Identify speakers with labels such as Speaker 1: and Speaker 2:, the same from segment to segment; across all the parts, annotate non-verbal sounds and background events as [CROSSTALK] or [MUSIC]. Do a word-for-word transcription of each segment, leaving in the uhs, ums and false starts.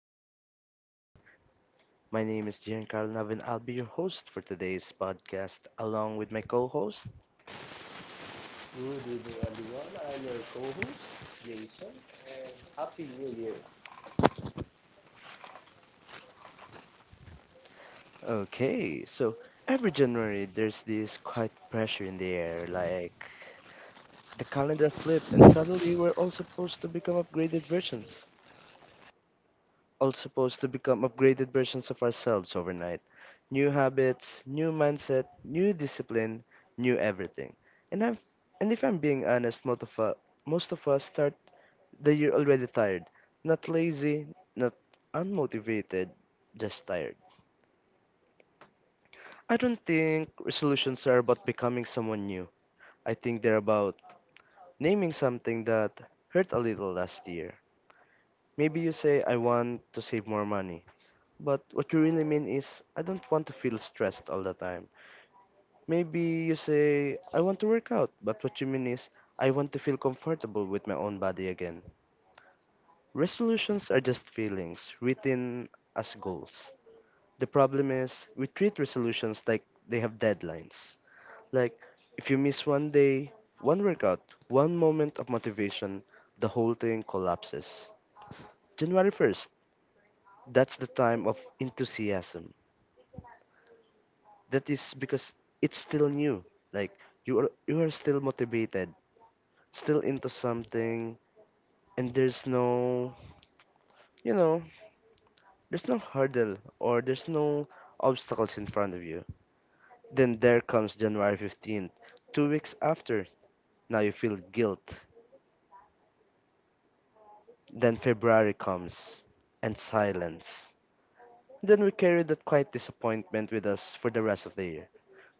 Speaker 1: Same Me. My name is Giancarlo Nav and I'll be your host for today's podcast along with my co-host.
Speaker 2: Good evening, everyone. I'm your co host, Jason, and Happy New Year.
Speaker 1: Okay, so every January there's this quiet pressure in the air, like the calendar flipped and suddenly we're all supposed to become upgraded versions. all supposed to become upgraded versions of ourselves overnight. New habits, new mindset, new discipline, new everything. And I'm and if I'm being honest, most of us, most of us start the year already tired. Not lazy, not unmotivated, just tired. I don't think resolutions are about becoming someone new. I think they're about naming something that hurt a little last year. Maybe you say, I want to save more money. But what you really mean is, I don't want to feel stressed all the time. Maybe you say, I want to work out, but what you mean is, I want to feel comfortable with my own body again. Resolutions are just feelings, written as goals. The problem is, we treat resolutions like they have deadlines. Like, if you miss one day, one workout, one moment of motivation, the whole thing collapses. January first, that's the time of enthusiasm. That is because it's still new, like you are you are still motivated, still into something, and there's no you know there's no hurdle or there's no obstacles in front of you. Then there comes January fifteenth, two weeks after. Now you feel guilt. Then February comes, and silence. Then we carry that quiet disappointment with us for the rest of the year.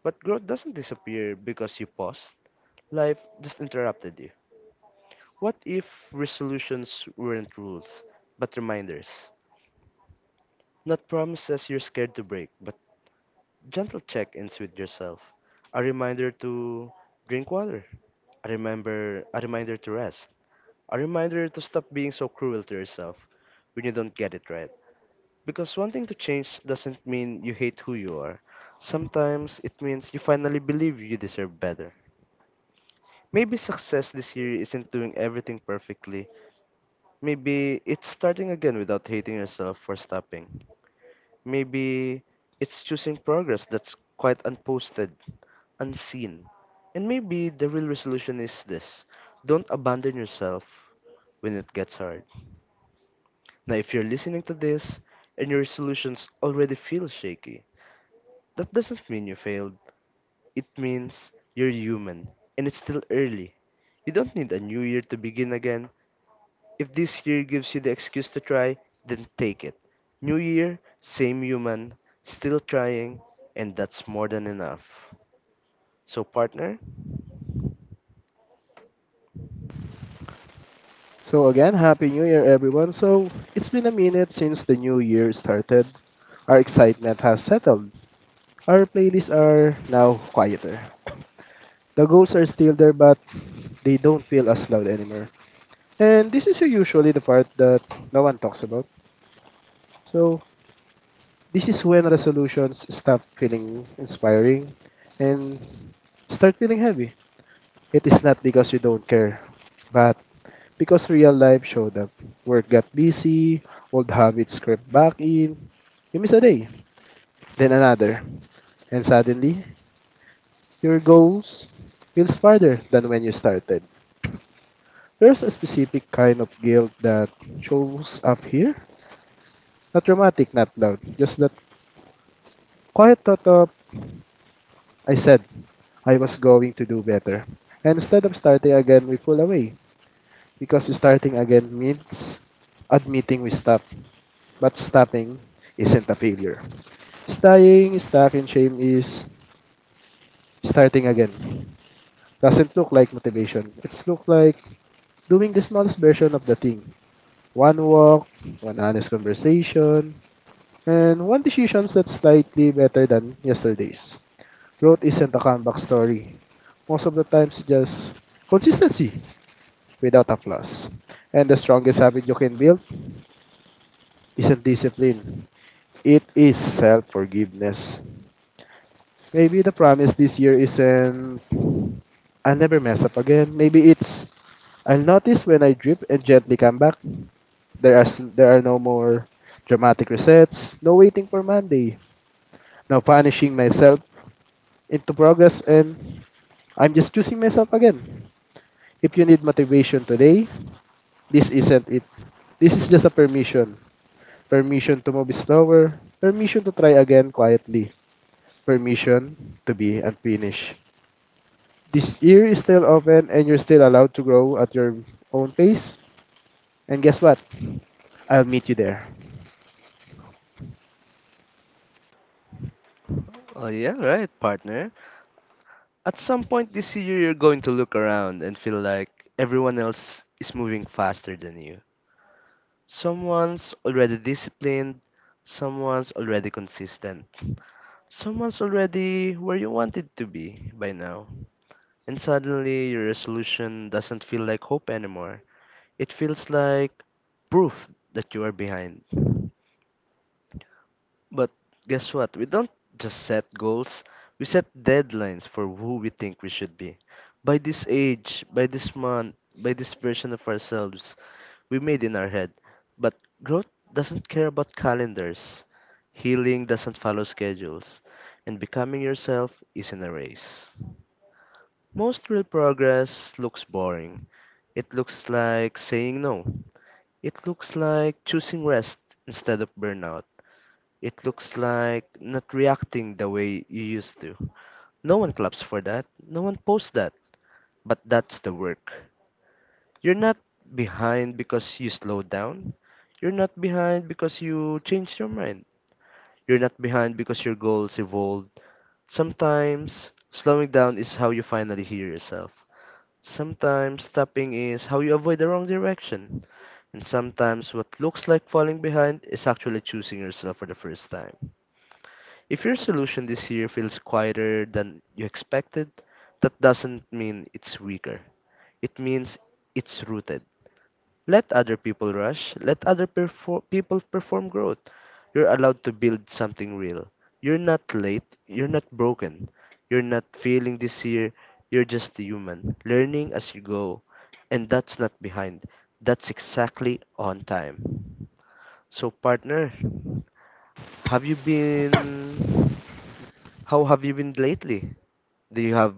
Speaker 1: But growth doesn't disappear because you paused. Life just interrupted you. What if resolutions weren't rules, but reminders? Not promises you're scared to break, but gentle check ins with yourself. A reminder to drink water. A, remember, a reminder to rest. A reminder to stop being so cruel to yourself when you don't get it right. Because wanting to change doesn't mean you hate who you are. Sometimes it means you finally believe you deserve better. Maybe success this year isn't doing everything perfectly. Maybe it's starting again without hating yourself for stopping. Maybe it's choosing progress that's quite unposted, unseen. And maybe the real resolution is this: don't abandon yourself when it gets hard. Now, if you're listening to this and your resolutions already feel shaky, that doesn't mean you failed. It means you're human and it's still early. You don't need a new year to begin again. If this year gives you the excuse to try, then take it. New year, same human, still trying, and that's more than enough. So, partner?
Speaker 2: So again, happy new year everyone. So, it's been a minute since the new year started. Our excitement has settled. Our playlists are now quieter. The goals are still there but they don't feel as loud anymore. And this is usually the part that no one talks about. So, this is when resolutions stop feeling inspiring and start feeling heavy. It is not because you don't care, but because real life showed up. Work got busy, old habits crept back in. You miss a day, then another, and suddenly your goals feels farther than when you started. There's a specific kind of guilt that shows up here. Not dramatic, not loud, just that quiet thought of I said I was going to do better. And instead of starting again, we pull away because starting again means admitting we stopped, but stopping isn't a failure. Staying stuck in shame is starting again. Doesn't look like motivation. It's look like doing the smallest version of the thing. One walk, one honest conversation, and one decision that's slightly better than yesterday's. Growth isn't a comeback story. Most of the times, it's just consistency without a applause. And the strongest habit you can build isn't discipline. It is self-forgiveness. Maybe the promise this year isn't I'll never mess up again. Maybe it's I'll notice when I drip and gently come back. There are s- there are no more dramatic resets, no waiting for Monday, no punishing myself into progress, and I'm just choosing myself again. If you need motivation today, this isn't it. This is just a permission. Permission to move slower. Permission to try again quietly. Permission to be unfinished. This year is still open and you're still allowed to grow at your own pace. And guess what? I'll meet you there.
Speaker 1: Oh, yeah, right, partner. At some point this year, you're going to look around and feel like everyone else is moving faster than you. Someone's already disciplined, someone's already consistent, someone's already where you wanted to be by now. And suddenly, your resolution doesn't feel like hope anymore. It feels like proof that you are behind. But guess what? We don't just set goals, we set deadlines for who we think we should be. By this age, by this month, by this version of ourselves we made in our head. But growth doesn't care about calendars, healing doesn't follow schedules, and becoming yourself isn't a race. Most real progress looks boring. It looks like saying no. It looks like choosing rest instead of burnout. It looks like not reacting the way you used to. No one claps for that. No one posts that. But that's the work. You're not behind because you slowed down. You're not behind because you changed your mind. You're not behind because your goals evolved. Sometimes, slowing down is how you finally hear yourself. Sometimes stopping is how you avoid the wrong direction, and sometimes what looks like falling behind is actually choosing yourself for the first time. If your solution this year feels quieter than you expected, that doesn't mean it's weaker. It means it's rooted. Let other people rush. Let other perfor- people perform growth. You're allowed to build something real. You're not late. You're not broken. You're not failing this year. You're just a human, learning as you go. And that's not behind. That's exactly on time. So, partner, have you been. How have you been lately? Do you have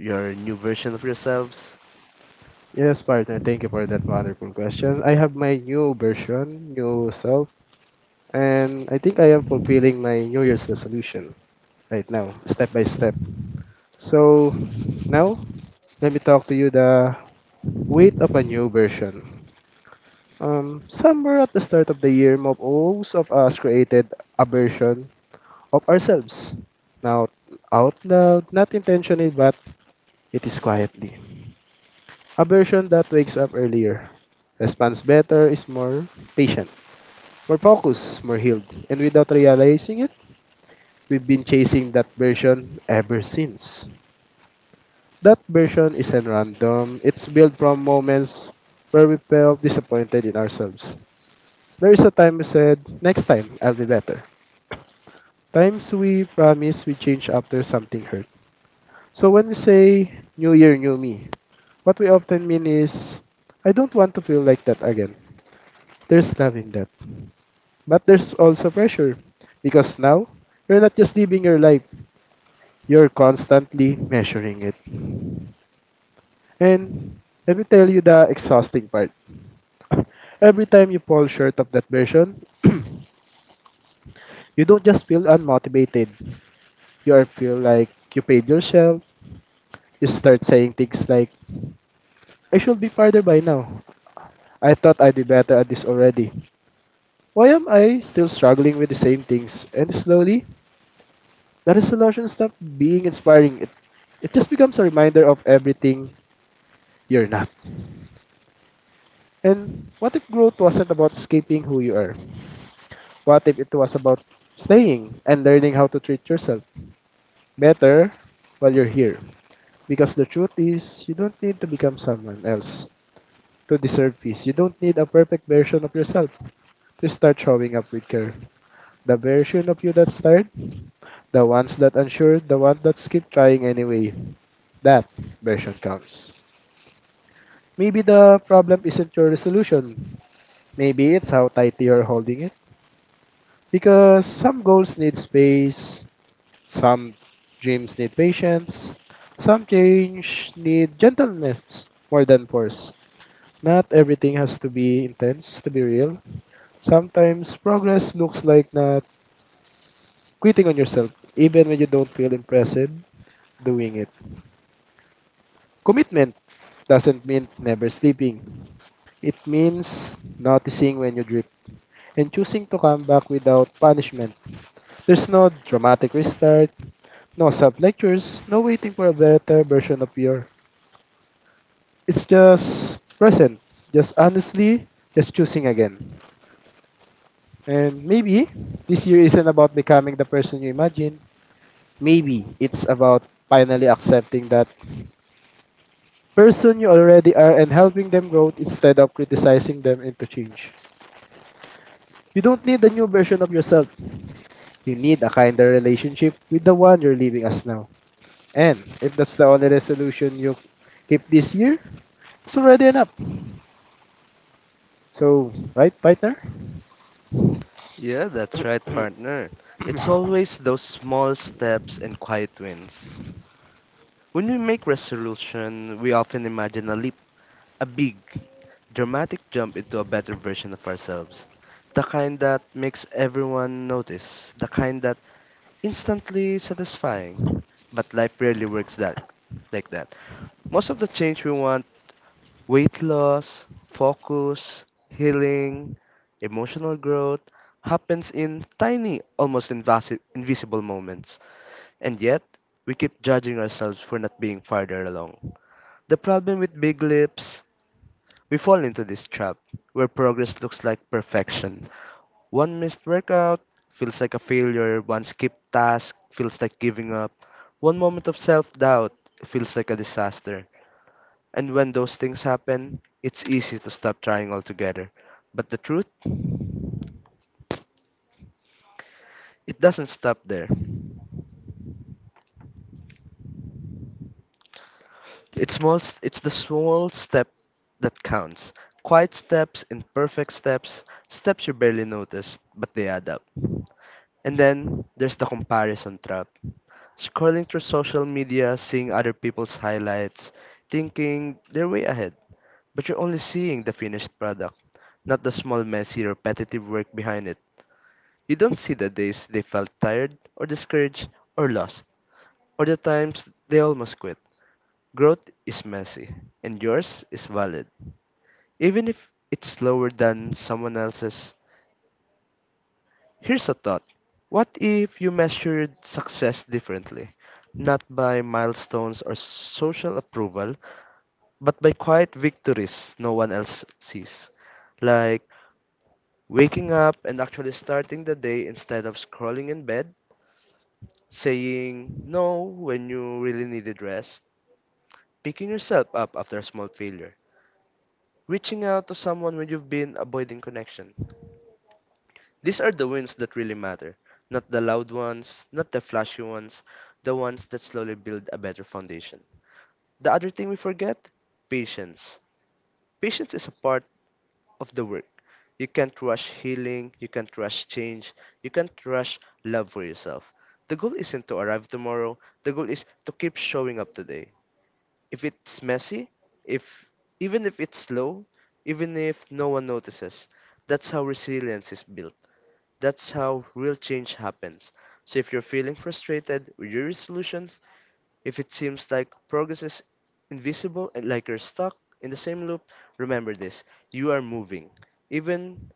Speaker 1: your new version of yourselves?
Speaker 2: Yes, partner. Thank you for that wonderful question. I have my new version, new self, and I think I am fulfilling my New Year's resolution right now, step by step. So now, let me talk to you the weight of a new version. Um, somewhere at the start of the year, most of us created a version of ourselves. Now, out loud, not intentionally, but it is quietly. A version that wakes up earlier, responds better, is more patient, more focused, more healed. And without realizing it, we've been chasing that version ever since. That version isn't random, it's built from moments where we felt disappointed in ourselves. There is a time we said, next time, I'll be better. Times we promise we change after something hurt. So when we say new year, new me, what we often mean is I don't want to feel like that again. There's love in that. But there's also pressure because now you're not just living your life, you're constantly measuring it. And let me tell you the exhausting part. Every time you fall short of that version, [CLEARS THROAT] you don't just feel unmotivated. You are feel like you paid yourself. You start saying things like, I should be farther by now. I thought I'd be better at this already. Why am I still struggling with the same things? And slowly, the resolution stopped being inspiring. It, it just becomes a reminder of everything you're not. And what if growth wasn't about escaping who you are? What if it was about staying and learning how to treat yourself better while you're here? Because the truth is, you don't need to become someone else to deserve peace. You don't need a perfect version of yourself to start showing up with care. The version of you that started, the ones that unsure, the ones that keep trying anyway. That version counts. Maybe the problem isn't your resolution. Maybe it's how tightly you're holding it. Because some goals need space, some dreams need patience, some change need gentleness more than force. Not everything has to be intense to be real. Sometimes progress looks like not quitting on yourself, even when you don't feel impressive. Doing it. Commitment doesn't mean never sleeping. It means noticing when you drift and choosing to come back without punishment. There's no dramatic restart, no sub lectures, no waiting for a better version of your. It's just present, just honestly, just choosing again. And maybe this year isn't about becoming the person you imagine. Maybe it's about finally accepting that person you already are and helping them grow instead of criticizing them into change. You don't need a new version of yourself. You need a kinder relationship with the one you're leaving us now. And if that's the only resolution you keep this year, it's already enough. So, right, partner?
Speaker 1: Yeah, that's right, partner. It's
Speaker 2: [CLEARS THROAT]
Speaker 1: always those small steps and quiet wins. When we make resolution, we often imagine a leap, a big, dramatic jump into a better version of ourselves. The kind that makes everyone notice, the kind that instantly satisfying. But life rarely works that like that. Most of the change we want, weight loss, focus, healing, emotional growth, happens in tiny, almost invasi- invisible moments, and yet we keep judging ourselves for not being farther along. The problem with big lips, we fall into this trap where progress looks like perfection. One missed workout feels like a failure, one skipped task feels like giving up, one moment of self doubt feels like a disaster. And when those things happen, it's easy to stop trying altogether. But the truth, it doesn't stop there. It's small it's the small step that counts. Quiet steps, imperfect steps, steps you barely notice, but they add up. And then there's the comparison trap. Scrolling through social media, seeing other people's highlights, thinking they're way ahead, but you're only seeing the finished product, not the small, messy, repetitive work behind it. You don't see the days they felt tired, or discouraged, or lost, or the times they almost quit. Growth is messy, and yours is valid. Even if it's slower than someone else's, here's a thought. What if you measured success differently? Not by milestones or social approval, but by quiet victories no one else sees. Like waking up and actually starting the day instead of scrolling in bed, saying no when you really needed rest, picking yourself up after a small failure, reaching out to someone when you've been avoiding connection. These are the wins that really matter, not the loud ones, not the flashy ones, the ones that slowly build a better foundation. The other thing we forget? Patience. Patience is a part of the work. You can't rush healing, you can't rush change, you can't rush love for yourself. The goal isn't to arrive tomorrow, the goal is to keep showing up today. If it's messy, if even if it's slow, even if no one notices, that's how resilience is built. That's how real change happens. So if you're feeling frustrated with your resolutions, if it seems like progress is invisible and like you're stuck in the same loop, remember this. You are moving. Even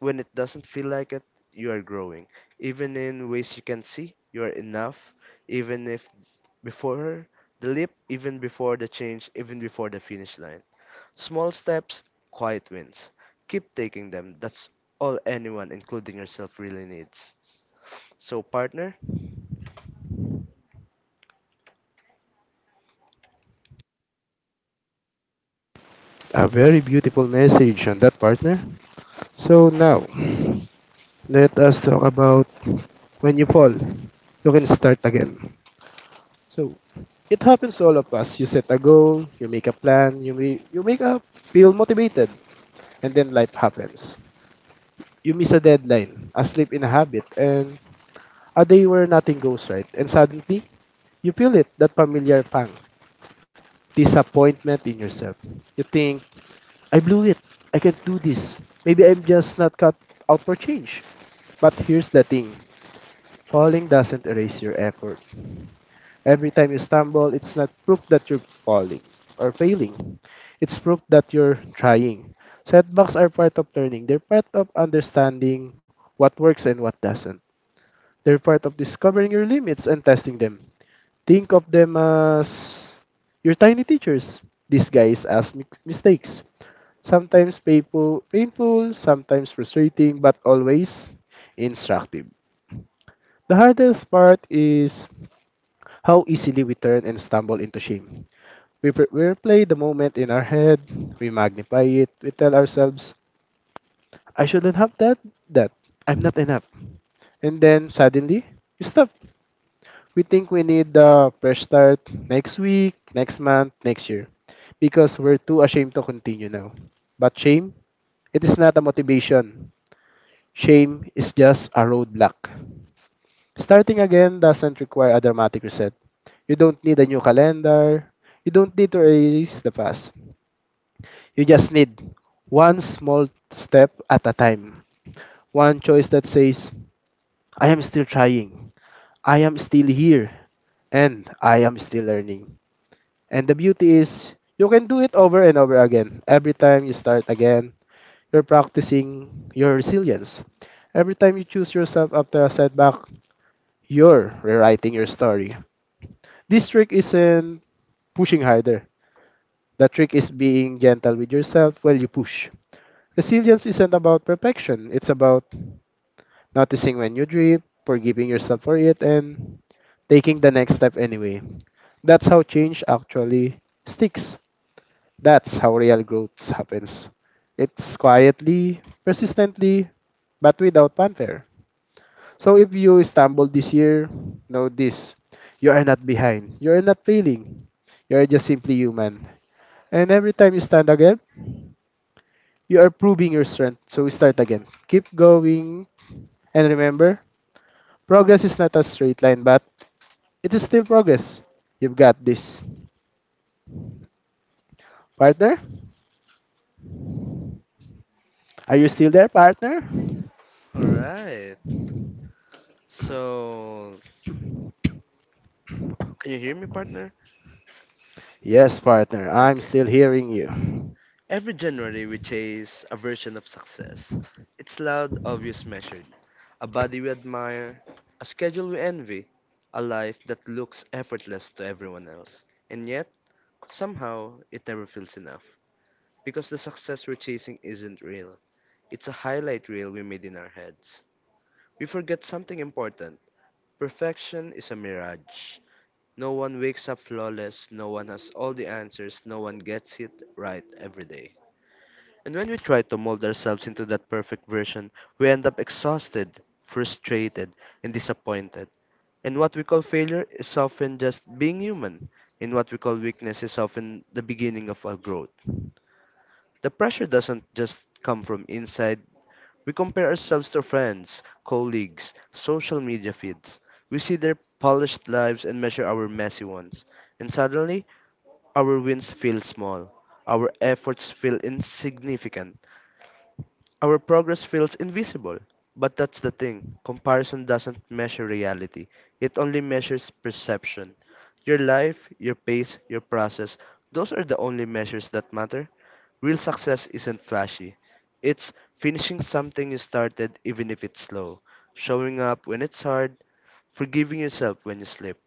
Speaker 1: when it doesn't feel like it, you are growing. Even in ways you can see, you are enough. Even if before the leap, even before the change, even before the finish line. Small steps, quiet wins. Keep taking them. That's all anyone, including yourself, really needs. So, partner?
Speaker 2: A very beautiful message on that, partner. So now, let us talk about when you fall, you can start again. So, it happens to all of us. You set a goal, you make a plan, you, may, you make up, feel motivated, and then life happens. You miss a deadline, a slip in a habit, and a day where nothing goes right. And suddenly, you feel it, that familiar pang, disappointment in yourself. You think, I blew it. I can't do this. Maybe I'm just not cut out for change. But here's the thing falling doesn't erase your effort. Every time you stumble, it's not proof that you're falling or failing, it's proof that you're trying. Setbacks are part of learning, they're part of understanding what works and what doesn't. They're part of discovering your limits and testing them. Think of them as your tiny teachers. Disguise as mi- mistakes. Sometimes painful, painful, sometimes frustrating, but always instructive. The hardest part is how easily we turn and stumble into shame. We, pre- we replay the moment in our head, we magnify it, we tell ourselves, I shouldn't have that, that, I'm not enough. And then suddenly, you stop. We think we need the fresh start next week, next month, next year, because we're too ashamed to continue now. But shame, it is not a motivation. Shame is just a roadblock. Starting again doesn't require a dramatic reset. You don't need a new calendar. You don't need to erase the past. You just need one small step at a time. One choice that says, I am still trying. I am still here. And I am still learning. And the beauty is, you can do it over and over again. Every time you start again, you're practicing your resilience. Every time you choose yourself after a setback, you're rewriting your story. This trick isn't pushing harder. The trick is being gentle with yourself while you push. Resilience isn't about perfection, it's about noticing when you drip, forgiving yourself for it, and taking the next step anyway. That's how change actually sticks. That's how real growth happens. It's quietly, persistently, but without fanfare. So if you stumble this year, know this. You are not behind. You are not failing. You are just simply human. And every time you stand again, you are proving your strength. So start again. Keep going. And remember, progress is not a straight line, but it is still progress. You've got this. Partner? Are you still there, partner?
Speaker 1: All right. So, Can you hear me, partner?
Speaker 2: Yes, partner. I'm
Speaker 1: okay.
Speaker 2: still hearing you.
Speaker 1: Every January, we chase a version of success. It's loud, obvious, measured. A body we admire, a schedule we envy, a life that looks effortless to everyone else. And yet, somehow, it never feels enough. Because the success we're chasing isn't real, it's a highlight reel we made in our heads. We forget something important: perfection is a mirage. No one wakes up flawless, no one has all the answers, no one gets it right every day. And when we try to mold ourselves into that perfect version, we end up exhausted, frustrated, and disappointed. And what we call failure is often just being human, and what we call weakness is often the beginning of our growth. The pressure doesn't just come from inside. We compare ourselves to friends, colleagues, social media feeds. We see their polished lives and measure our messy ones. And suddenly, our wins feel small. Our efforts feel insignificant. Our progress feels invisible. But that's the thing: comparison doesn't measure reality, it only measures perception. Your life, your pace, your process, those are the only measures that matter. Real success isn't flashy. It's finishing something you started even if it's slow, showing up when it's hard, forgiving yourself when you slip,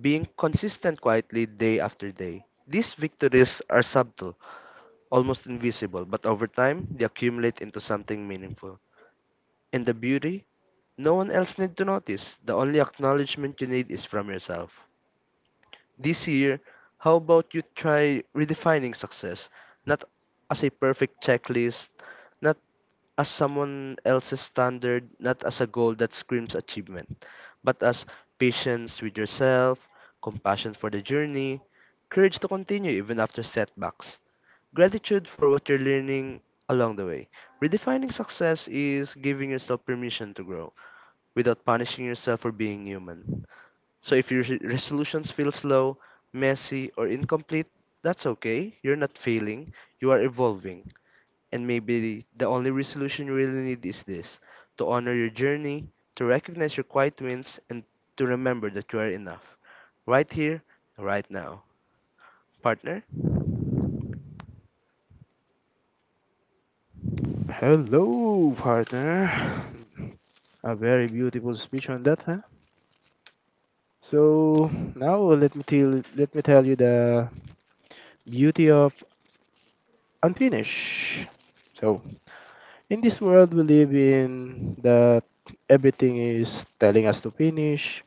Speaker 1: being consistent quietly day after day. These victories are subtle, almost invisible, but over time they accumulate into something meaningful. And the beauty? No one else need to notice. The only acknowledgement you need is from yourself. This year, how about you try redefining success? Not as a perfect checklist, not as someone else's standard, not as a goal that screams achievement, but as patience with yourself, compassion for the journey, courage to continue even after setbacks, gratitude for what you're learning along the way. Redefining success is giving yourself permission to grow without punishing yourself for being human. So if your re- resolutions feel slow, messy, or incomplete, that's okay. You're not failing, you are evolving. And maybe the only resolution you really need is this: to honor your journey, to recognize your quiet wins, and to remember that you are enough. Right here, right now. Partner?
Speaker 2: Hello, partner. A very beautiful speech on that, huh? So now let me tell let me tell you the beauty of unfinished. So in this world we live in that everything is telling us to finish,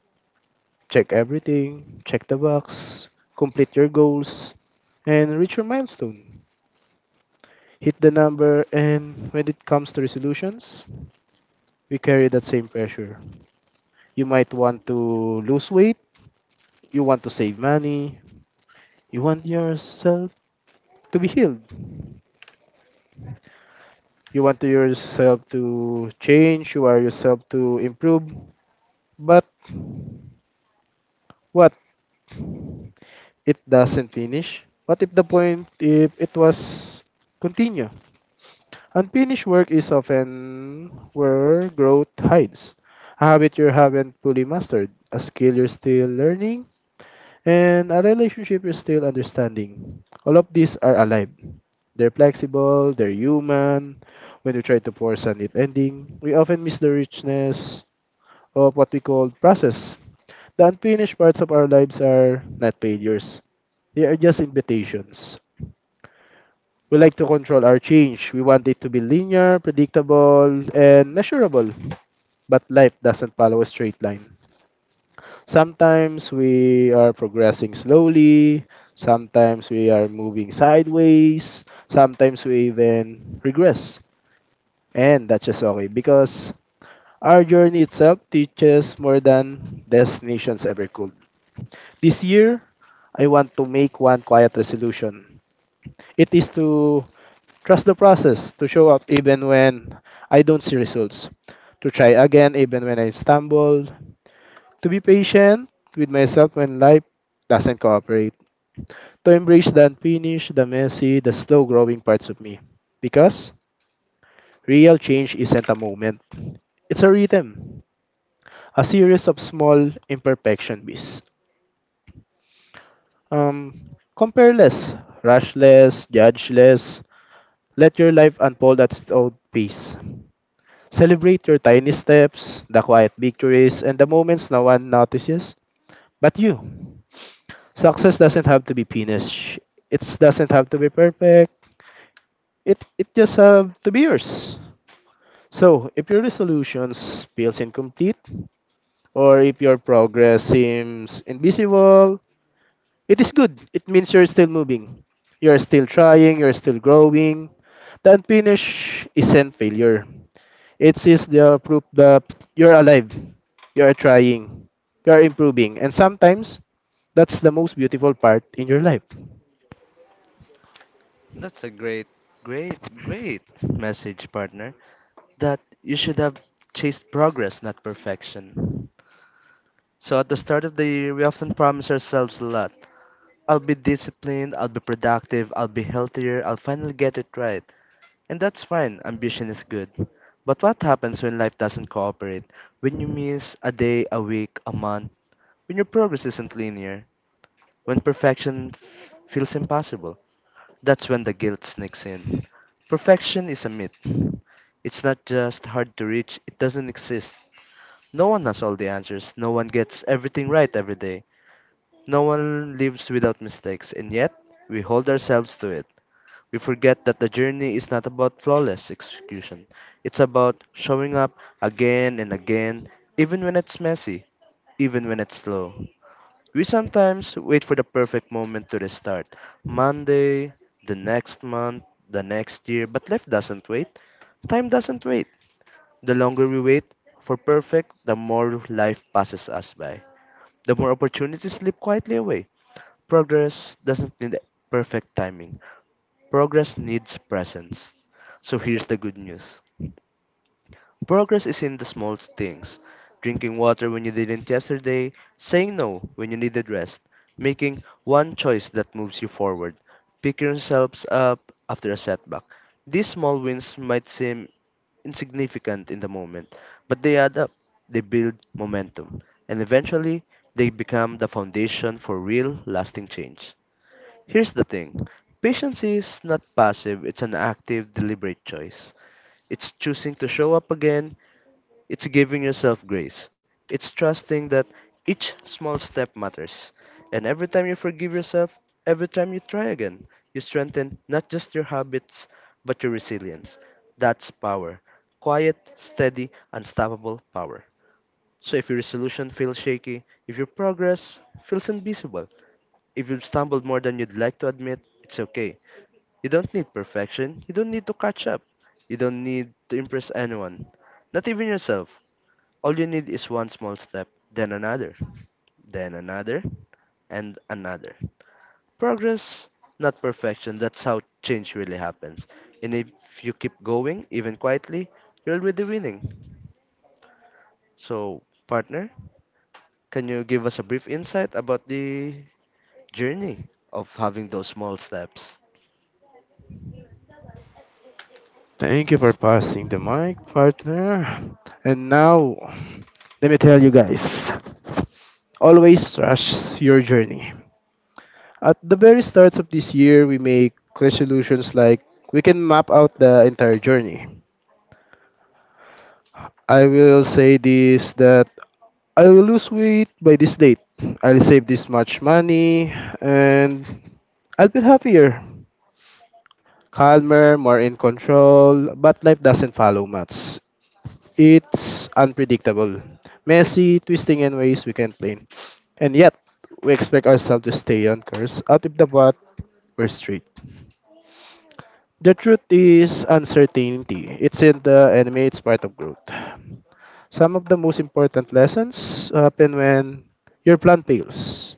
Speaker 2: check everything, check the box, complete your goals, and reach your milestone. Hit the number, and when it comes to resolutions, we carry that same pressure. You might want to lose weight, you want to save money. You want yourself to be healed. You want to yourself to change. You want yourself to improve. But what? It doesn't finish. What if the point if it was continue? Unfinished work is often where growth hides. A habit you haven't fully mastered. A skill you're still learning and a relationship is still understanding. All of these are alive. They're flexible, they're human. When we try to force a neat ending, we often miss the richness of what we call process. The unfinished parts of our lives are not failures, they are just invitations. We like to control our change. We want it to be linear, predictable, and measurable. But life doesn't follow a straight line. Sometimes we are progressing slowly, sometimes we are moving sideways, sometimes we even regress. And that's just okay because our journey itself teaches more than destinations ever could. This year, I want to make one quiet resolution. It is to trust the process, to show up even when I don't see results, to try again even when I stumble, to be patient with myself when life doesn't cooperate, to embrace the unfinished, the messy, the slow growing parts of me. Because real change isn't a moment, it's a rhythm, a series of small imperfection beats. Um, Compare less, rush less, judge less, let your life unfold at its own pace. Celebrate your tiny steps, the quiet victories, and the moments no one notices but you. Success doesn't have to be finished. It doesn't have to be perfect. It it just have to be yours. So if your resolutions feels incomplete, or if your progress seems invisible, it is good. It means you're still moving. You're still trying. You're still growing. The unfinished isn't failure. It is the proof that you're alive. You're trying. You're improving. And sometimes that's the most beautiful part in your life.
Speaker 1: That's a great, great, great message, partner. That you should have chased progress, not perfection. So at the start of the year, we often promise ourselves a lot. I'll be disciplined, I'll be productive, I'll be healthier, I'll finally get it right. And that's fine, ambition is good. But what happens when life doesn't cooperate? When you miss a day, a week, a month? When your progress isn't linear? When perfection f- feels impossible? That's when the guilt sneaks in. Perfection is a myth. It's not just hard to reach, it doesn't exist. No one has all the answers, no one gets everything right every day. No one lives without mistakes, and yet we hold ourselves to it. We forget that the journey is not about flawless execution. It's about showing up again and again, even when it's messy, even when it's slow. We sometimes wait for the perfect moment to restart Monday, the next month, the next year, but life doesn't wait. Time doesn't wait. The longer we wait for perfect, the more life passes us by. The more opportunities slip quietly away. Progress doesn't need perfect timing. Progress needs presence. So here's the good news. Progress is in the small things. Drinking water when you didn't yesterday, saying no when you needed rest, making one choice that moves you forward, picking yourselves up after a setback. These small wins might seem insignificant in the moment, but they add up. They build momentum, and eventually, they become the foundation for real, lasting change. Here's the thing, patience is not passive, it's an active, deliberate choice. It's choosing to show up again, it's giving yourself grace, it's trusting that each small step matters. And every time you forgive yourself, every time you try again, you strengthen not just your habits, but your resilience. That's power. Quiet, steady, unstoppable power. So if your resolution feels shaky, if your progress feels invisible, if you've stumbled more than you'd like to admit, it's okay. You don't need perfection. You don't need to catch up. You don't need to impress anyone. Not even yourself. All you need is one small step, then another, then another, and another. Progress, not perfection. That's how change really happens. And if you keep going, even quietly, you're already winning. So, partner, can you give us a brief insight about the journey of having those small steps?
Speaker 2: Thank you for passing the mic, partner. And now, let me tell you guys always trust your journey. At the very start of this year, we make resolutions like we can map out the entire journey. I will say this that I will lose weight by this date. I'll save this much money and I'll be happier, calmer, more in control, but life doesn't follow much. It's unpredictable, messy, twisting in ways we can't plan. And yet, we expect ourselves to stay on course out of the bat, we're straight. The truth is uncertainty. It's in the enemy, it's part of growth. Some of the most important lessons happen when your plan fails,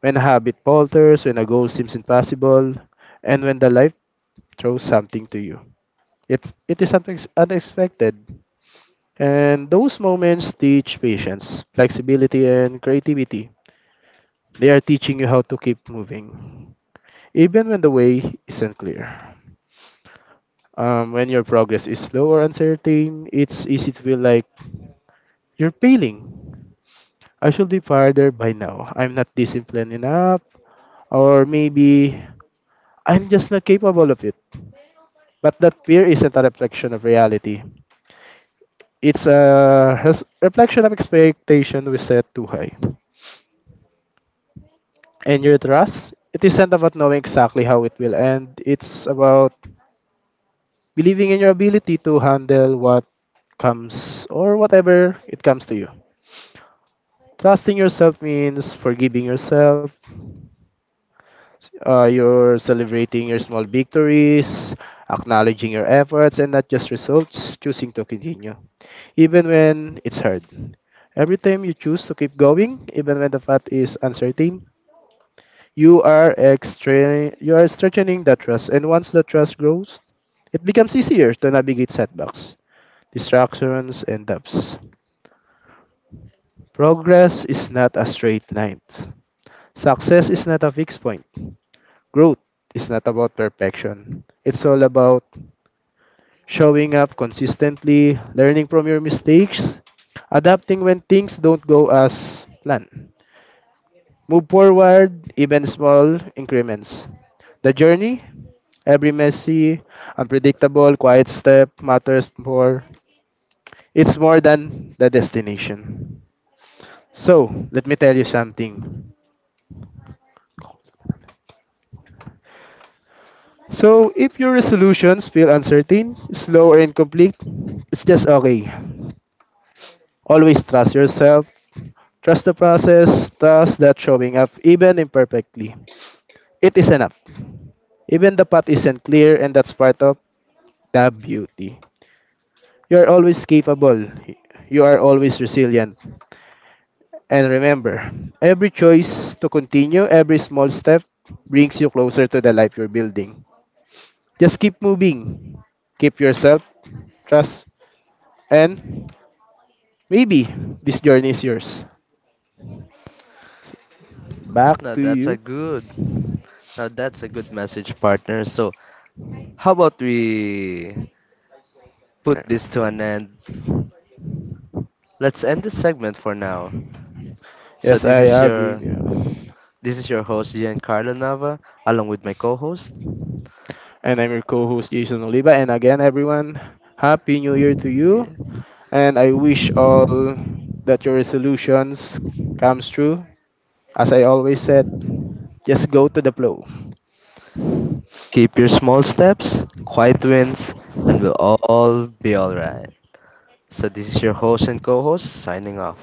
Speaker 2: when habit falters, when a goal seems impossible, and when the life throws something to you. It, it is something unexpected. And those moments teach patience, flexibility, and creativity. They are teaching you how to keep moving, even when the way isn't clear. Um, when your progress is slow or uncertain, it's easy to feel like you're failing. I should be farther by now. I'm not disciplined enough, or maybe I'm just not capable of it. But that fear isn't a reflection of reality. It's a res- reflection of expectation we set too high. And your trust, it isn't about knowing exactly how it will end, it's about believing in your ability to handle what comes or whatever it comes to you. Trusting yourself means forgiving yourself, uh, you're celebrating your small victories, acknowledging your efforts and not just results, choosing to continue, even when it's hard. Every time you choose to keep going, even when the path is uncertain, you are extra- you are strengthening the trust, and once the trust grows, it becomes easier to navigate setbacks, distractions, and depths. Progress is not a straight line. Success is not a fixed point. Growth is not about perfection. It's all about showing up consistently, learning from your mistakes, adapting when things don't go as planned, move forward, even small increments. The journey, every messy, unpredictable, quiet step matters more. It's more than the destination. So, let me tell you something. So, if your resolutions feel uncertain, slow, or incomplete, it's just okay. Always trust yourself, trust the process, trust that showing up even imperfectly, it is enough. Even the path isn't clear, and that's part of the beauty. You are always capable. You are always resilient. And remember, every choice to continue, every small step brings you closer to the life you're building. Just keep moving. Keep yourself, trust, and maybe this journey is yours. Back
Speaker 1: Now,
Speaker 2: to
Speaker 1: that's a
Speaker 2: you.
Speaker 1: good now that's a good message, partner. So, how about we put this
Speaker 2: Yeah.
Speaker 1: to an end? Let's end this segment for now. So
Speaker 2: Yes,
Speaker 1: this
Speaker 2: I
Speaker 1: is
Speaker 2: agree.
Speaker 1: your
Speaker 2: Yeah.
Speaker 1: this is your host Giancarlo Nava along with my co-host.
Speaker 2: And I'm your co host, Jason Oliva. And again, everyone, Happy New Year to you.
Speaker 1: Yeah.
Speaker 2: And I wish all that your resolutions comes true. As I always said, just go to the flow.
Speaker 1: Keep your small steps, quiet wins, and we'll all be alright. So this is your host and co-host signing off.